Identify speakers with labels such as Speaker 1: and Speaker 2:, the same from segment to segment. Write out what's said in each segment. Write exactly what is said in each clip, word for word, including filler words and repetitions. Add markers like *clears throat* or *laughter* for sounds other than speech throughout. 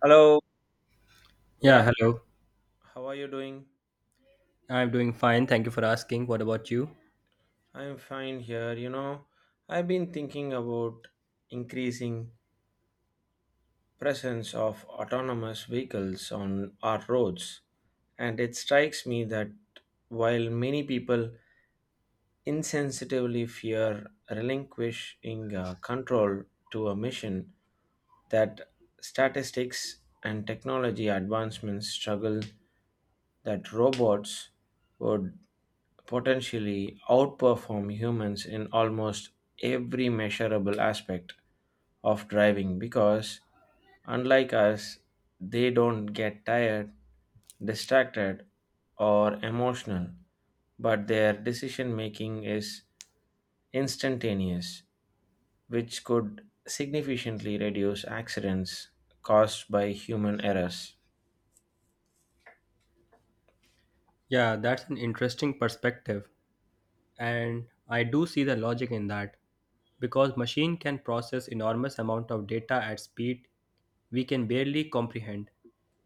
Speaker 1: Hello, good
Speaker 2: Yeah,
Speaker 1: af-
Speaker 2: hello.
Speaker 1: How are you doing?
Speaker 2: I'm doing fine. Thank you for asking. What about you?
Speaker 1: I'm fine here. You know, I've been thinking about increasing presence of autonomous vehicles on our roads, and it strikes me that while many people insensitively fear relinquishing uh, control to a machine, that statistics and technology advancements struggle that robots would potentially outperform humans in almost every measurable aspect of driving because, unlike us, they don't get tired, distracted, or emotional, but their decision making is instantaneous, which could significantly reduce accidents caused by human errors.
Speaker 2: Yeah, that's an interesting perspective. And I do see the logic in that. Because machine can process enormous amount of data at speed we can barely comprehend,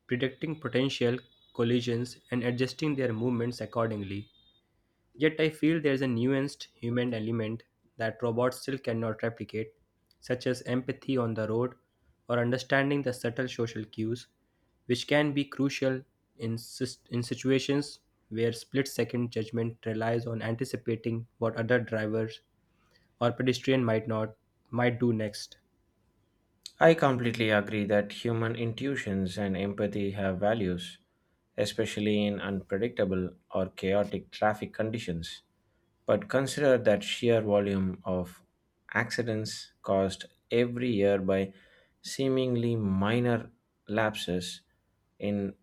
Speaker 2: predicting potential collisions and adjusting their movements accordingly. Yet I feel there's a nuanced human element that robots still cannot replicate, such as empathy on the road or understanding the subtle social cues, which can be crucial in, sis- in situations where split second judgment relies on anticipating what other drivers or pedestrian might not might do next.
Speaker 1: I completely agree that human intuitions and empathy have values, especially in unpredictable or chaotic traffic conditions. But consider that sheer volume of accidents caused every year by seemingly minor lapses in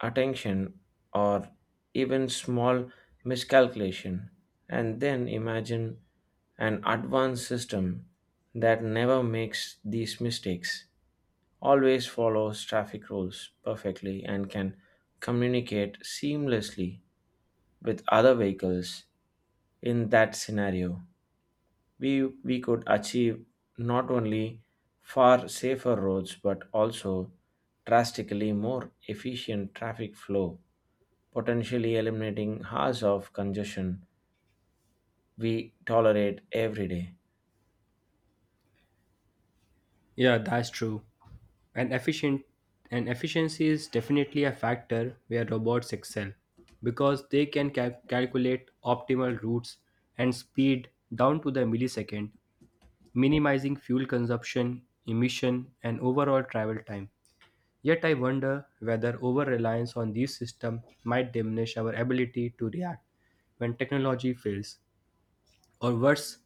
Speaker 1: attention or even small miscalculation. And then imagine an advanced system that never makes these mistakes, always follows traffic rules perfectly, and can communicate seamlessly with other vehicles. In that scenario, we we could achieve not only far safer roads but also drastically more efficient traffic flow, potentially eliminating hours of congestion we tolerate every day.
Speaker 2: Yeah, that's true. And efficient and efficiency is definitely a factor where robots excel because they can cal- calculate optimal routes and speed down to the millisecond, minimizing fuel consumption, emission, and overall travel time. Yet I wonder whether over-reliance on these systems might diminish our ability to react when technology fails, or worse,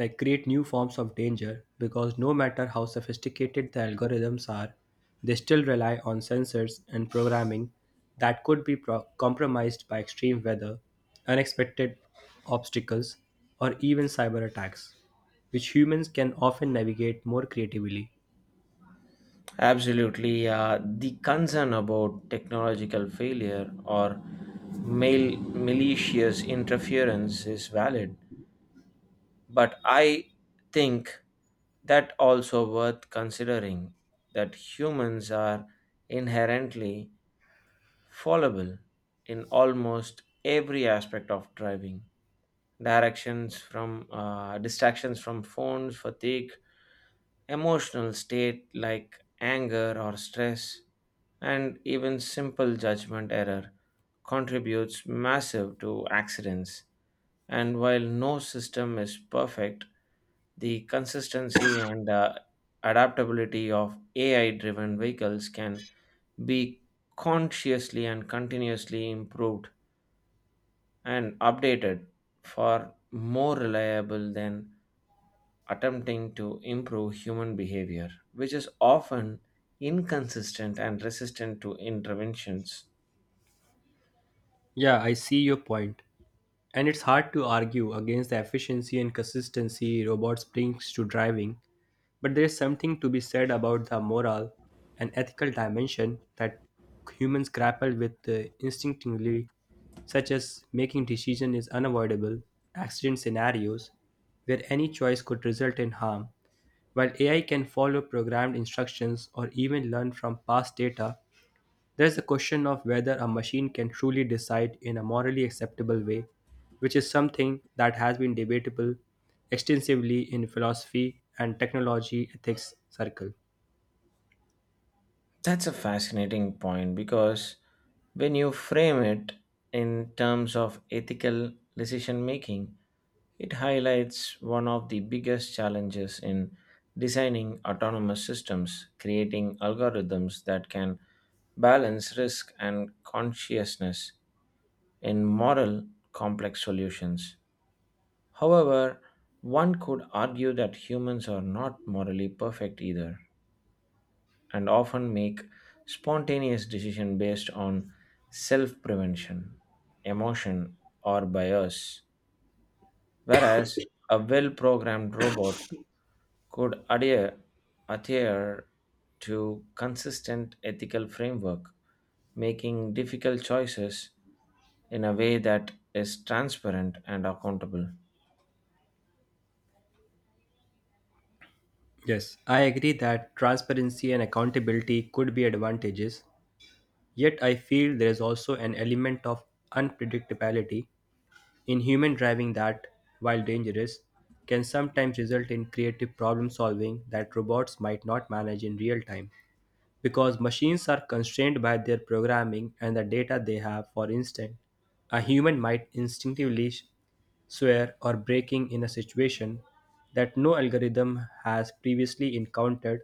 Speaker 2: like create new forms of danger because no matter how sophisticated the algorithms are, they still rely on sensors and programming that could be pro- compromised by extreme weather, unexpected obstacles, or even cyber attacks, which humans can often navigate more creatively.
Speaker 1: Absolutely. Uh, the concern about technological failure or mal- malicious interference is valid, but I think that also worth considering that humans are inherently fallible in almost every aspect of driving. Directions from uh, distractions from phones, fatigue, emotional state like anger or stress, and even simple judgment error contributes massive to accidents. And while no system is perfect, the consistency and uh, adaptability of AI driven vehicles can be consciously and continuously improved and updated, for more reliable than attempting to improve human behavior, which is often inconsistent and resistant to interventions.
Speaker 2: Yeah, I see your point. And it's hard to argue against the efficiency and consistency robots brings to driving, but there is something to be said about the moral and ethical dimension that humans grapple with uh, instinctively, such as making decision is unavoidable, accident scenarios, where any choice could result in harm, while A I can follow programmed instructions or even learn from past data there is the question of whether a machine can truly decide in a morally acceptable way, which is something that has been debatable extensively in philosophy and technology ethics circle.
Speaker 1: That's a fascinating point because when you frame it in terms of ethical decision making, it highlights one of the biggest challenges in designing autonomous systems, creating algorithms that can balance risk and consciousness in moral complex solutions. However, one could argue that humans are not morally perfect either, and often make spontaneous decisions based on self prevention, emotion, or bias, whereas a well programmed robot could adhere, adhere to consistent ethical framework, making difficult choices in a way that is transparent and accountable.
Speaker 2: Yes, I agree that transparency and accountability could be advantages, yet I feel there is also an element of unpredictability in human driving that, while dangerous, can sometimes result in creative problem solving that robots might not manage in real time. Because machines are constrained by their programming and the data they have. For instance, a human might instinctively sh- swear or breaking in a situation that no algorithm has previously encountered,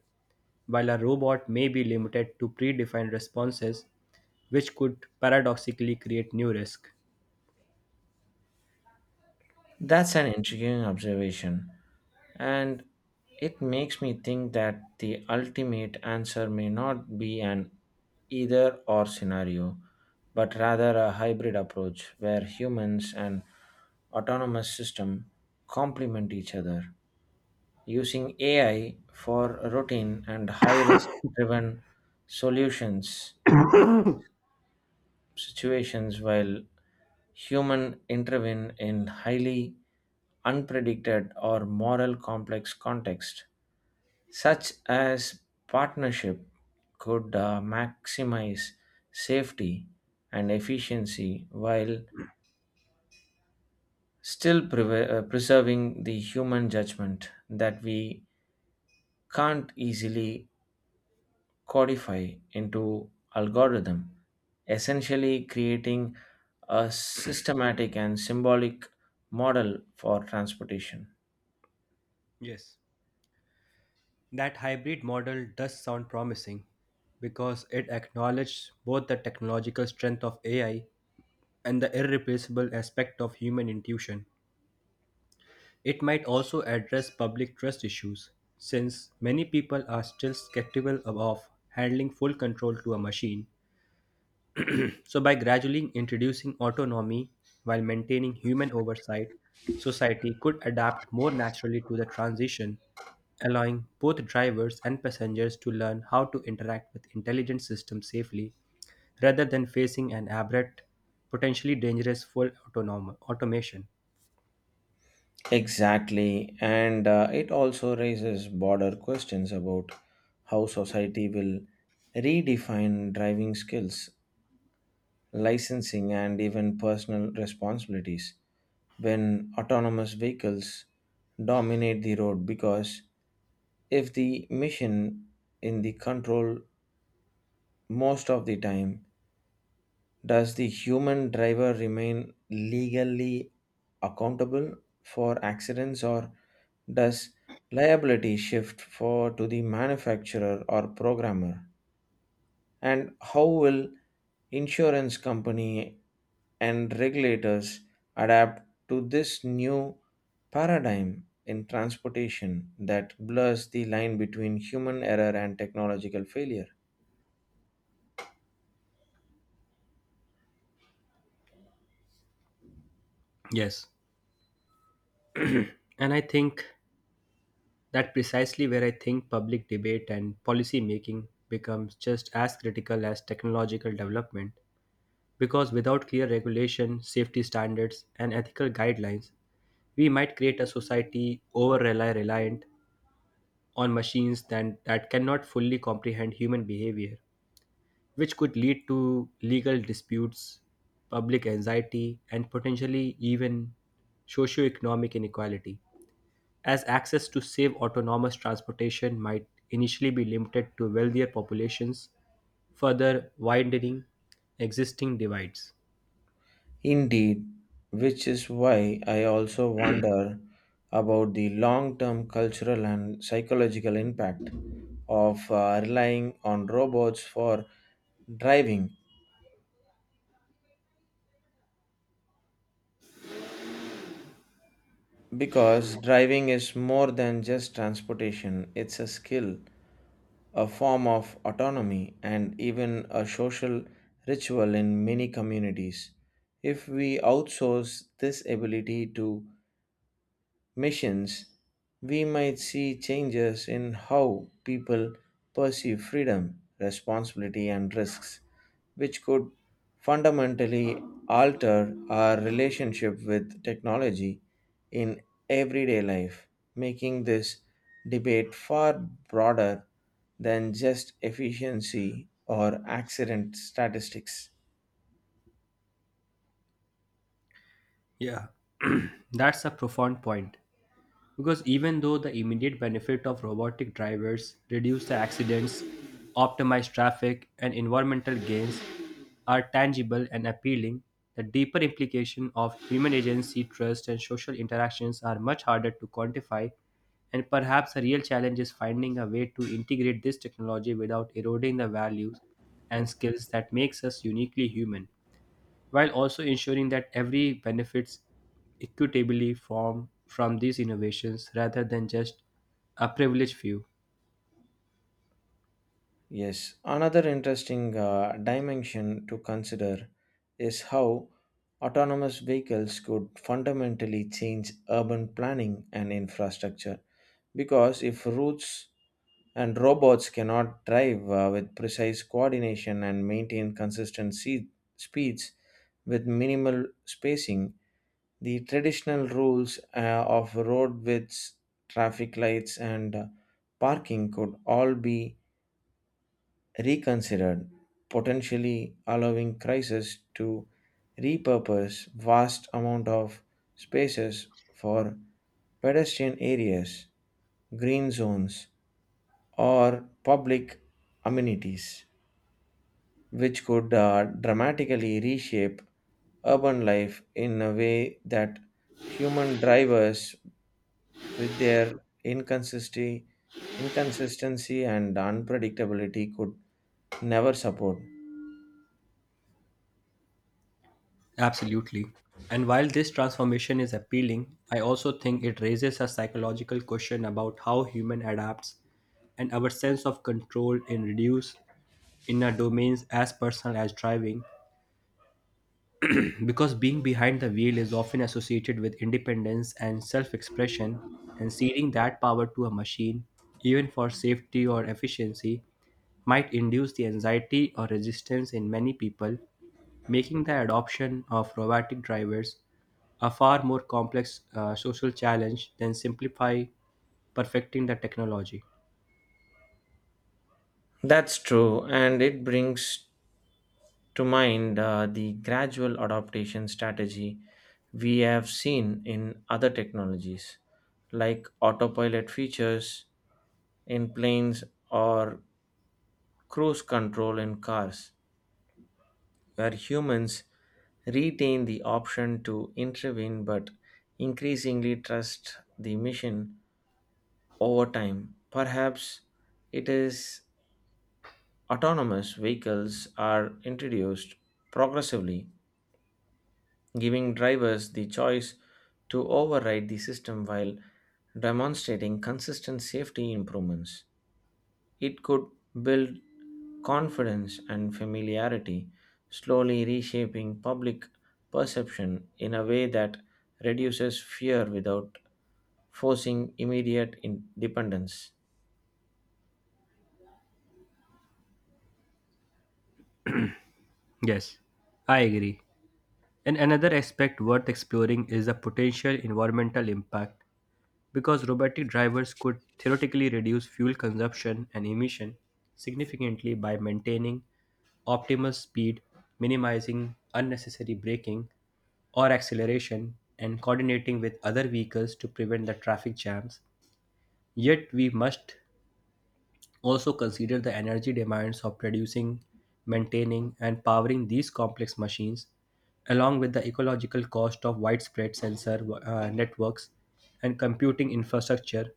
Speaker 2: while a robot may be limited to predefined responses, which could paradoxically create new risk.
Speaker 1: That's an intriguing observation, and it makes me think that the ultimate answer may not be an either or scenario, but rather a hybrid approach where humans and autonomous system complement each other, using A I for routine and high risk driven solutions situations, while human intervene in highly unpredicted or moral complex context, such as partnership, could uh, maximize safety and efficiency while still preve- uh, preserving the human judgment that we can't easily codify into algorithm, essentially creating a systematic and symbolic model for transportation.
Speaker 2: Yes, that hybrid model does sound promising because it acknowledges both the technological strength of A I and the irreplaceable aspect of human intuition. It might also address public trust issues, since many people are still skeptical of handling full control to a machine. So, by gradually introducing autonomy while maintaining human oversight, society could adapt more naturally to the transition, allowing both drivers and passengers to learn how to interact with intelligent systems safely rather than facing an abrupt, potentially dangerous full autonom- automation.
Speaker 1: Exactly, and uh, it also raises broader questions about how society will redefine driving skills, licensing, and even personal responsibilities when autonomous vehicles dominate the road. Because if the mission in the control most of the time, does the human driver remain legally accountable for accidents, or does liability shift for to the manufacturer or programmer? And how will insurance company and regulators adapt to this new paradigm in transportation that blurs the line between human error and technological failure?
Speaker 2: Yes. And I think that precisely where I think public debate and policy making becomes just as critical as technological development because without clear regulation, safety standards and ethical guidelines, we might create a society over rely reliant on machines than that cannot fully comprehend human behavior, which could lead to legal disputes, public anxiety and potentially even socioeconomic inequality, as access to safe autonomous transportation might initially be limited to wealthier populations, further widening existing divides.
Speaker 1: Indeed, which is why I also wonder about the long term cultural and psychological impact of uh, relying on robots for driving. Because driving is more than just transportation, it's a skill, a form of autonomy, and even a social ritual in many communities. If we outsource this ability to machines, we might see changes in how people perceive freedom, responsibility, and risks, which could fundamentally alter our relationship with technology in everyday life, making this debate far broader than just efficiency or accident statistics.
Speaker 2: Yeah, *clears throat* that's a profound point. Because even though the immediate benefit of robotic drivers reduce the accidents, optimize traffic, and environmental gains are tangible and appealing, the deeper implication of human agency, trust, and social interactions are much harder to quantify, and perhaps the real challenge is finding a way to integrate this technology without eroding the values and skills that makes us uniquely human while also ensuring that every benefits equitably from from these innovations rather than just a privileged few.
Speaker 1: Yes, another interesting uh, dimension to consider is how autonomous vehicles could fundamentally change urban planning and infrastructure. Because if routes and robots cannot drive uh, with precise coordination and maintain consistent se- speeds with minimal spacing, the traditional rules uh, of road widths, traffic lights, and uh, parking could all be reconsidered, potentially allowing crises to repurpose vast amount of spaces for pedestrian areas, green zones, or public amenities, which could uh, dramatically reshape urban life in a way that human drivers, with their inconsistency, inconsistency and unpredictability, could never support.
Speaker 2: Absolutely. And while this transformation is appealing, I also think it raises a psychological question about how human adapts and our sense of control in reduce in a domains as personal as driving because being behind the wheel is often associated with independence and self expression, and ceding that power to a machine, even for safety or efficiency, might induce the anxiety or resistance in many people, making the adoption of robotic drivers a far more complex uh, social challenge than simplify perfecting the technology.
Speaker 1: That's true, and it brings to mind uh, the gradual adaptation strategy we have seen in other technologies, like autopilot features in planes or cruise control in cars, where humans retain the option to intervene but increasingly trust the mission over time. Perhaps it is autonomous vehicles are introduced progressively, giving drivers the choice to override the system while demonstrating consistent safety improvements. It could build confidence and familiarity, slowly reshaping public perception in a way that reduces fear without forcing immediate in- dependence.
Speaker 2: Yes, I agree. And another aspect worth exploring is the potential environmental impact. Because robotic drivers could theoretically reduce fuel consumption and emission significantly by maintaining optimal speed, minimizing unnecessary braking or acceleration, and coordinating with other vehicles to prevent the traffic jams. Yet, we must also consider the energy demands of producing, maintaining, and powering these complex machines, along with the ecological cost of widespread sensor uh, networks and computing infrastructure,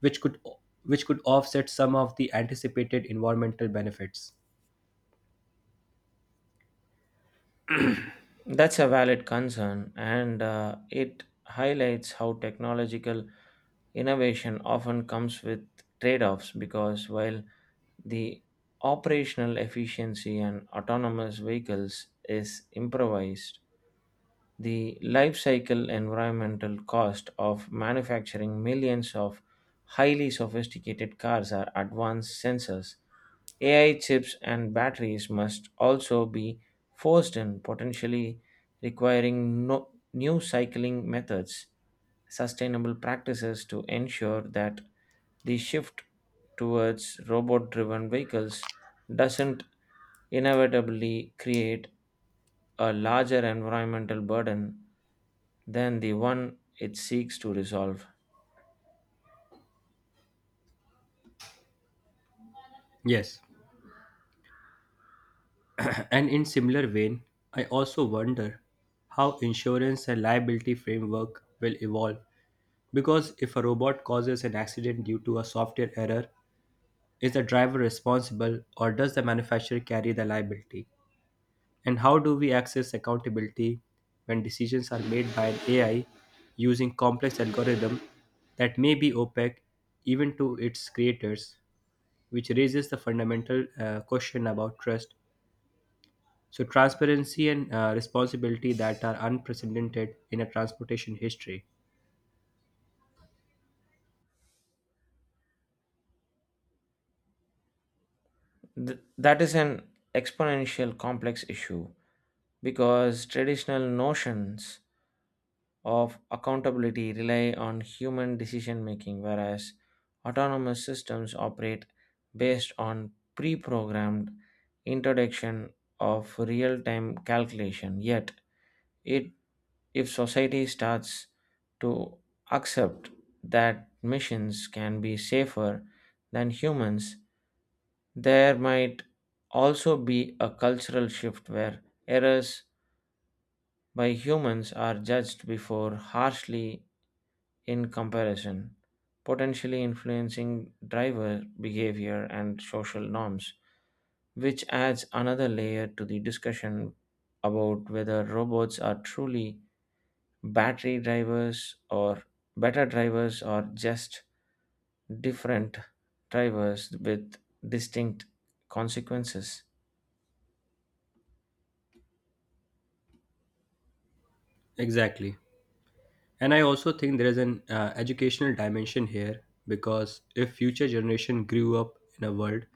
Speaker 2: which could which could offset some of the anticipated environmental benefits.
Speaker 1: That's a valid concern, and uh, it highlights how technological innovation often comes with trade offs, because while the operational efficiency and autonomous vehicles is improvised, the life cycle environmental cost of manufacturing millions of highly sophisticated cars are advanced sensors. A I chips and batteries must also be forced in, potentially requiring no, new cycling methods, sustainable practices to ensure that the shift towards robot driven vehicles doesn't inevitably create a larger environmental burden than the one it seeks to resolve.
Speaker 2: Yes, *clears throat* and in similar vein, I also wonder how insurance and liability framework will evolve because if a robot causes an accident due to a software error. Is the driver responsible or does the manufacturer carry the liability? And how do we access accountability when decisions are made by an A I using complex algorithm that may be opaque even to its creators, which raises the fundamental uh, question about trust. So, transparency and uh, responsibility that are unprecedented in a transportation history.
Speaker 1: Th- that is an exponential complex issue because traditional notions of accountability rely on human decision making, whereas autonomous systems operate based on pre programmed introduction of real time calculation. Yet, it if society starts to accept that machines can be safer than humans, there might also be a cultural shift where errors by humans are judged before harshly in comparison, potentially influencing driver behavior and social norms, which adds another layer to the discussion about whether robots are truly battery drivers, or better drivers are just different drivers with distinct consequences.
Speaker 2: Exactly. And I also think there is an uh, educational dimension here because if future generation grew up in a world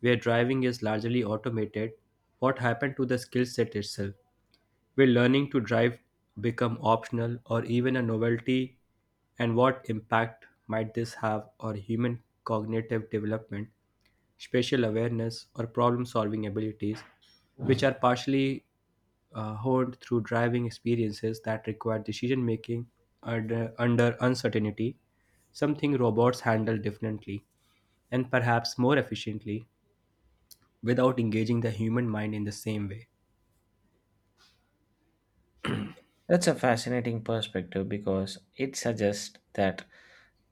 Speaker 2: where driving is largely automated, what happened to the skill set itself, will learning to drive become optional or even a novelty, and what impact might this have on human cognitive development, spatial awareness, or problem solving abilities, which are partially uh, honed through driving experiences that require decision making under, under uncertainty, something robots handle differently and perhaps more efficiently without engaging the human mind in the same way.
Speaker 1: That's a fascinating perspective because it suggests that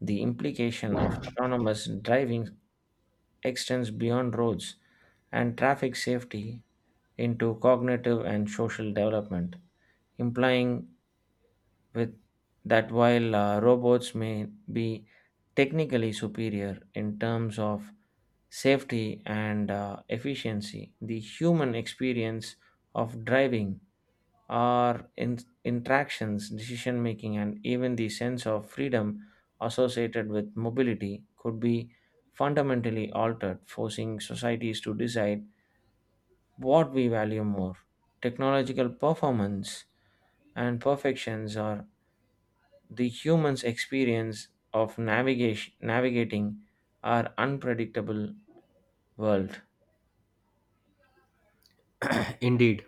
Speaker 1: the implication of autonomous driving extends beyond roads and traffic safety into cognitive and social development, implying with that while uh, robots may be technically superior in terms of safety and uh, efficiency, the human experience of driving, our in- interactions, decision making, and even the sense of freedom associated with mobility could be fundamentally altered, forcing societies to decide what we value more, technological performance and perfections, or the human's experience of navigation, navigating our unpredictable world.
Speaker 2: *clears throat* Indeed.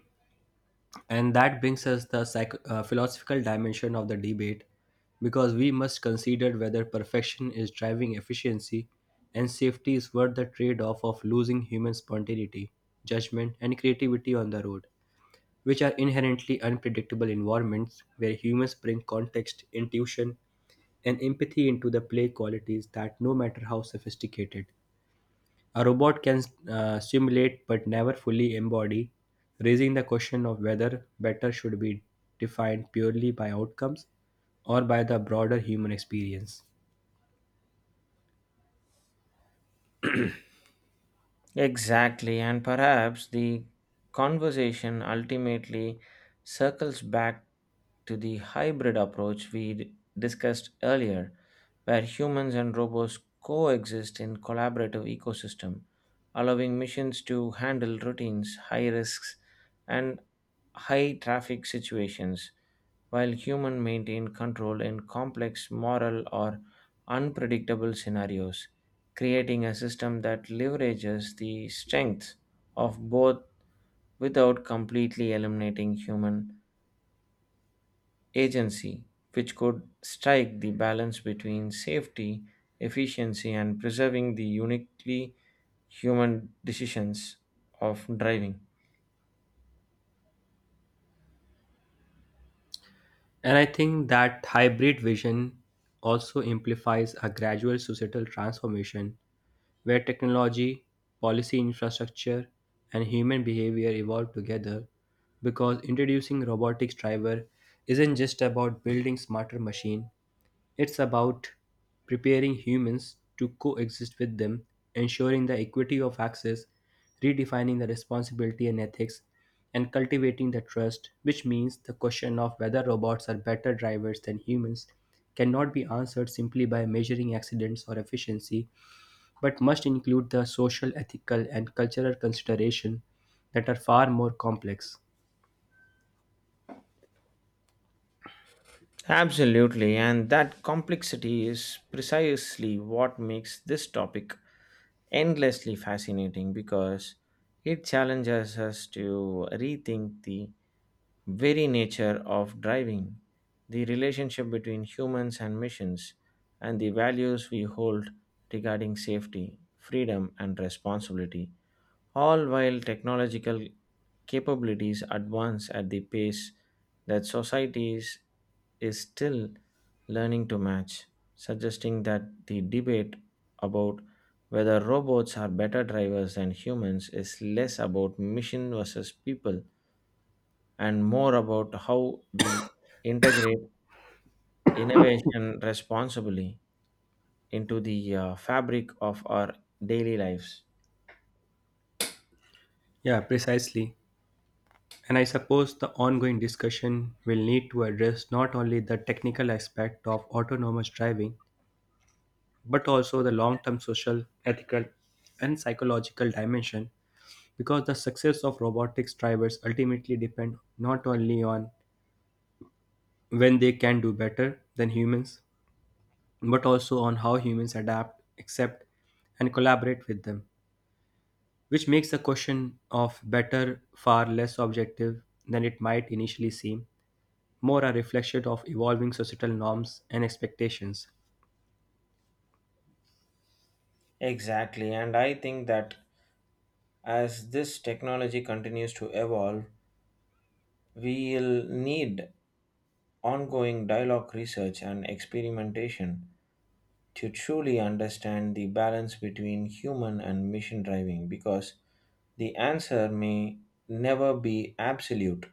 Speaker 2: And that brings us the psych- uh, philosophical dimension of the debate because we must consider whether perfection is driving efficiency and safety is worth the trade off of losing human spontaneity, judgment, and creativity on the road, which are inherently unpredictable environments where humans bring context, intuition, and empathy into the play qualities that no matter how sophisticated a robot can uh, simulate but never fully embody, raising the question of whether better should be defined purely by outcomes or by the broader human experience.
Speaker 1: Exactly, and perhaps the conversation ultimately circles back to the hybrid approach we d- discussed earlier, where humans and robots coexist in collaborative ecosystem, allowing missions to handle routines, high risks, and high traffic situations, while humans maintain control in complex moral or unpredictable scenarios, creating a system that leverages the strengths of both without completely eliminating human agency, which could strike the balance between safety, efficiency, and preserving the uniquely human decisions of driving.
Speaker 2: And I think that hybrid vision also implies a gradual societal transformation where technology, policy infrastructure, and human behavior evolve together because introducing robotics driver isn't just about building smarter machine. It's about preparing humans to coexist with them, ensuring the equity of access, redefining the responsibility and ethics, and cultivating the trust, which means the question of whether robots are better drivers than humans cannot be answered simply by measuring accidents or efficiency, but must include the social, ethical, and cultural consideration that are far more complex.
Speaker 1: Absolutely, and that complexity is precisely what makes this topic endlessly fascinating, because it challenges us to rethink the very nature of driving, the relationship between humans and missions, and the values we hold regarding safety, freedom, and responsibility, all while technological capabilities advance at the pace that societies is still learning to match, suggesting that the debate about whether robots are better drivers than humans is less about machine versus people and more about how we integrate innovation responsibly into the uh, fabric of our daily lives.
Speaker 2: Yeah, precisely. And I suppose the ongoing discussion will need to address not only the technical aspect of autonomous driving, but also the long term social, ethical, and psychological dimension, because the success of robotics drivers ultimately depend not only on when they can do better than humans, but also on how humans adapt, accept, and collaborate with them, which makes the question of better far less objective than it might initially seem, more a reflection of evolving societal norms and expectations.
Speaker 1: Exactly, and I think that as this technology continues to evolve, we'll need ongoing dialogue research and experimentation to truly understand the balance between human and machine driving, because the answer may never be absolute,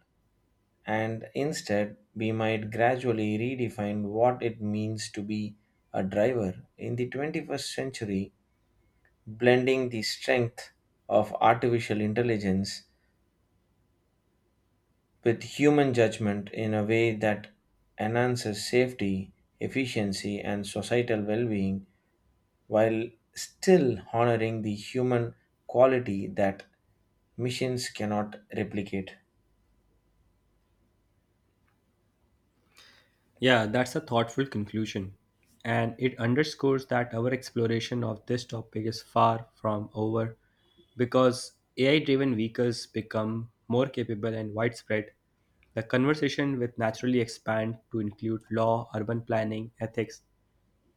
Speaker 1: and instead we might gradually redefine what it means to be a driver in the twenty-first century, blending the strength of artificial intelligence with human judgment in a way that enhances safety, efficiency, and societal well being while still honoring the human quality that machines cannot replicate.
Speaker 2: Yeah, that's a thoughtful conclusion. And it underscores that our exploration of this topic is far from over because A I driven vehicles become more capable and widespread. The conversation will naturally expand to include law, urban planning, ethics,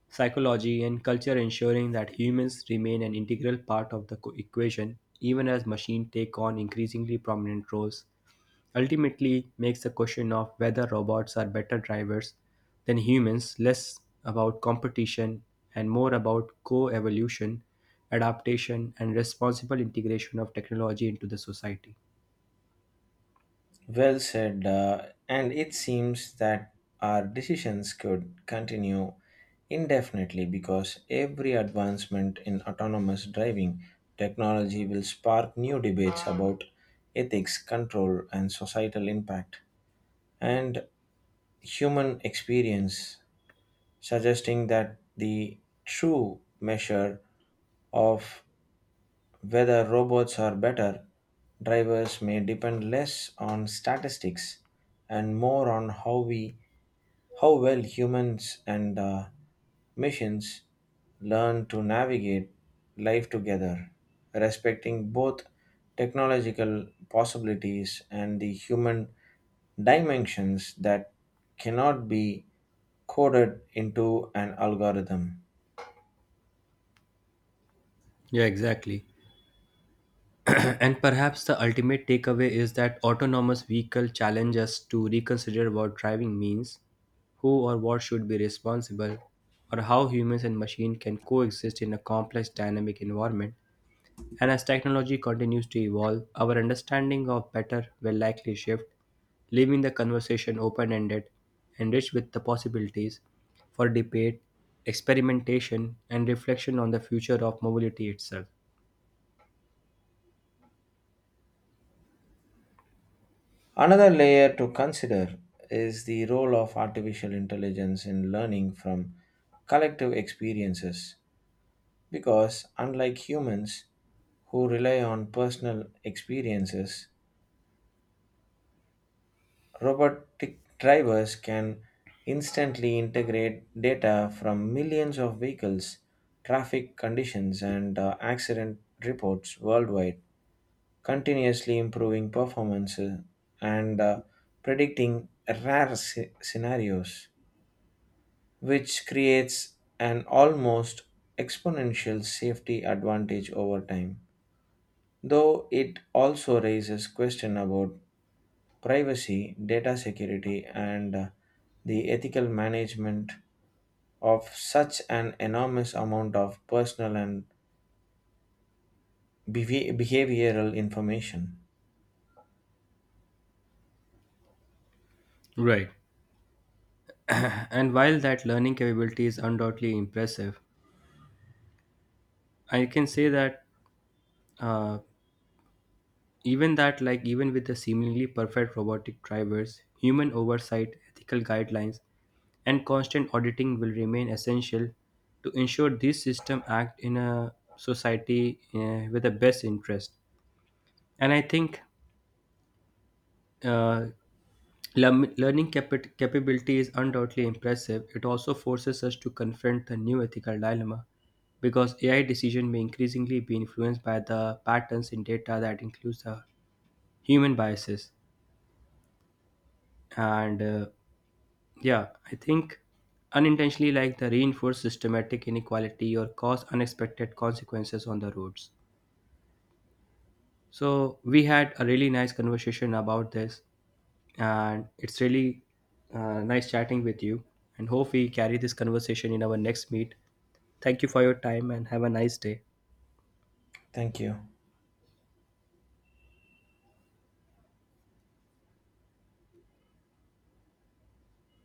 Speaker 2: psychology, and culture ensuring that humans remain an integral part of the co- equation even as machines take on increasingly prominent roles ultimately makes the question of whether robots are better drivers than humans less about competition and more about co-evolution, adaptation, and responsible integration of technology into the society.
Speaker 1: Well said, uh, and it seems that our decisions could continue indefinitely because every advancement in autonomous driving technology will spark new debates about ethics, control, and societal impact, and human experience, suggesting that the true measure of whether robots are better drivers may depend less on statistics and more on how we how well humans and uh, machines learn to navigate life together, respecting both technological possibilities and the human dimensions that cannot be coded into an algorithm.
Speaker 2: Yeah, exactly. And perhaps the ultimate takeaway is that autonomous vehicle challenge us to reconsider what driving means, who or what should be responsible, or how humans and machine can coexist in a complex dynamic environment. And as technology continues to evolve, our understanding of better will likely shift, leaving the conversation open-ended and rich with the possibilities for debate, experimentation, and reflection on the future of mobility itself.
Speaker 1: Another layer to consider is the role of artificial intelligence in learning from collective experiences, because unlike humans who rely on personal experiences, robotic drivers can instantly integrate data from millions of vehicles, traffic conditions, and uh, accident reports worldwide, continuously improving performances and uh, predicting rare sce- scenarios, which creates an almost exponential safety advantage over time. Though it also raises question about privacy, data security, and uh, the ethical management of such an enormous amount of personal and behavi- behavioral information.
Speaker 2: Right. And while that learning capability is undoubtedly impressive, I can say that uh, even that, like even with the seemingly perfect robotic drivers, human oversight, ethical guidelines, and constant auditing will remain essential to ensure these systems act in a society uh, with the best interest. And I think uh, Learn- learning capi- capability is undoubtedly impressive. It also forces us to confront the new ethical dilemma because A I decision may increasingly be influenced by the patterns in data that includes the human biases. And uh, yeah, I think unintentionally like the reinforce systematic inequality or cause unexpected consequences on the roads. So we had a really nice conversation about this. And it's really uh, nice chatting with you, and hope we carry this conversation in our next meet. Thank you for your time and have a nice day.
Speaker 1: Thank you.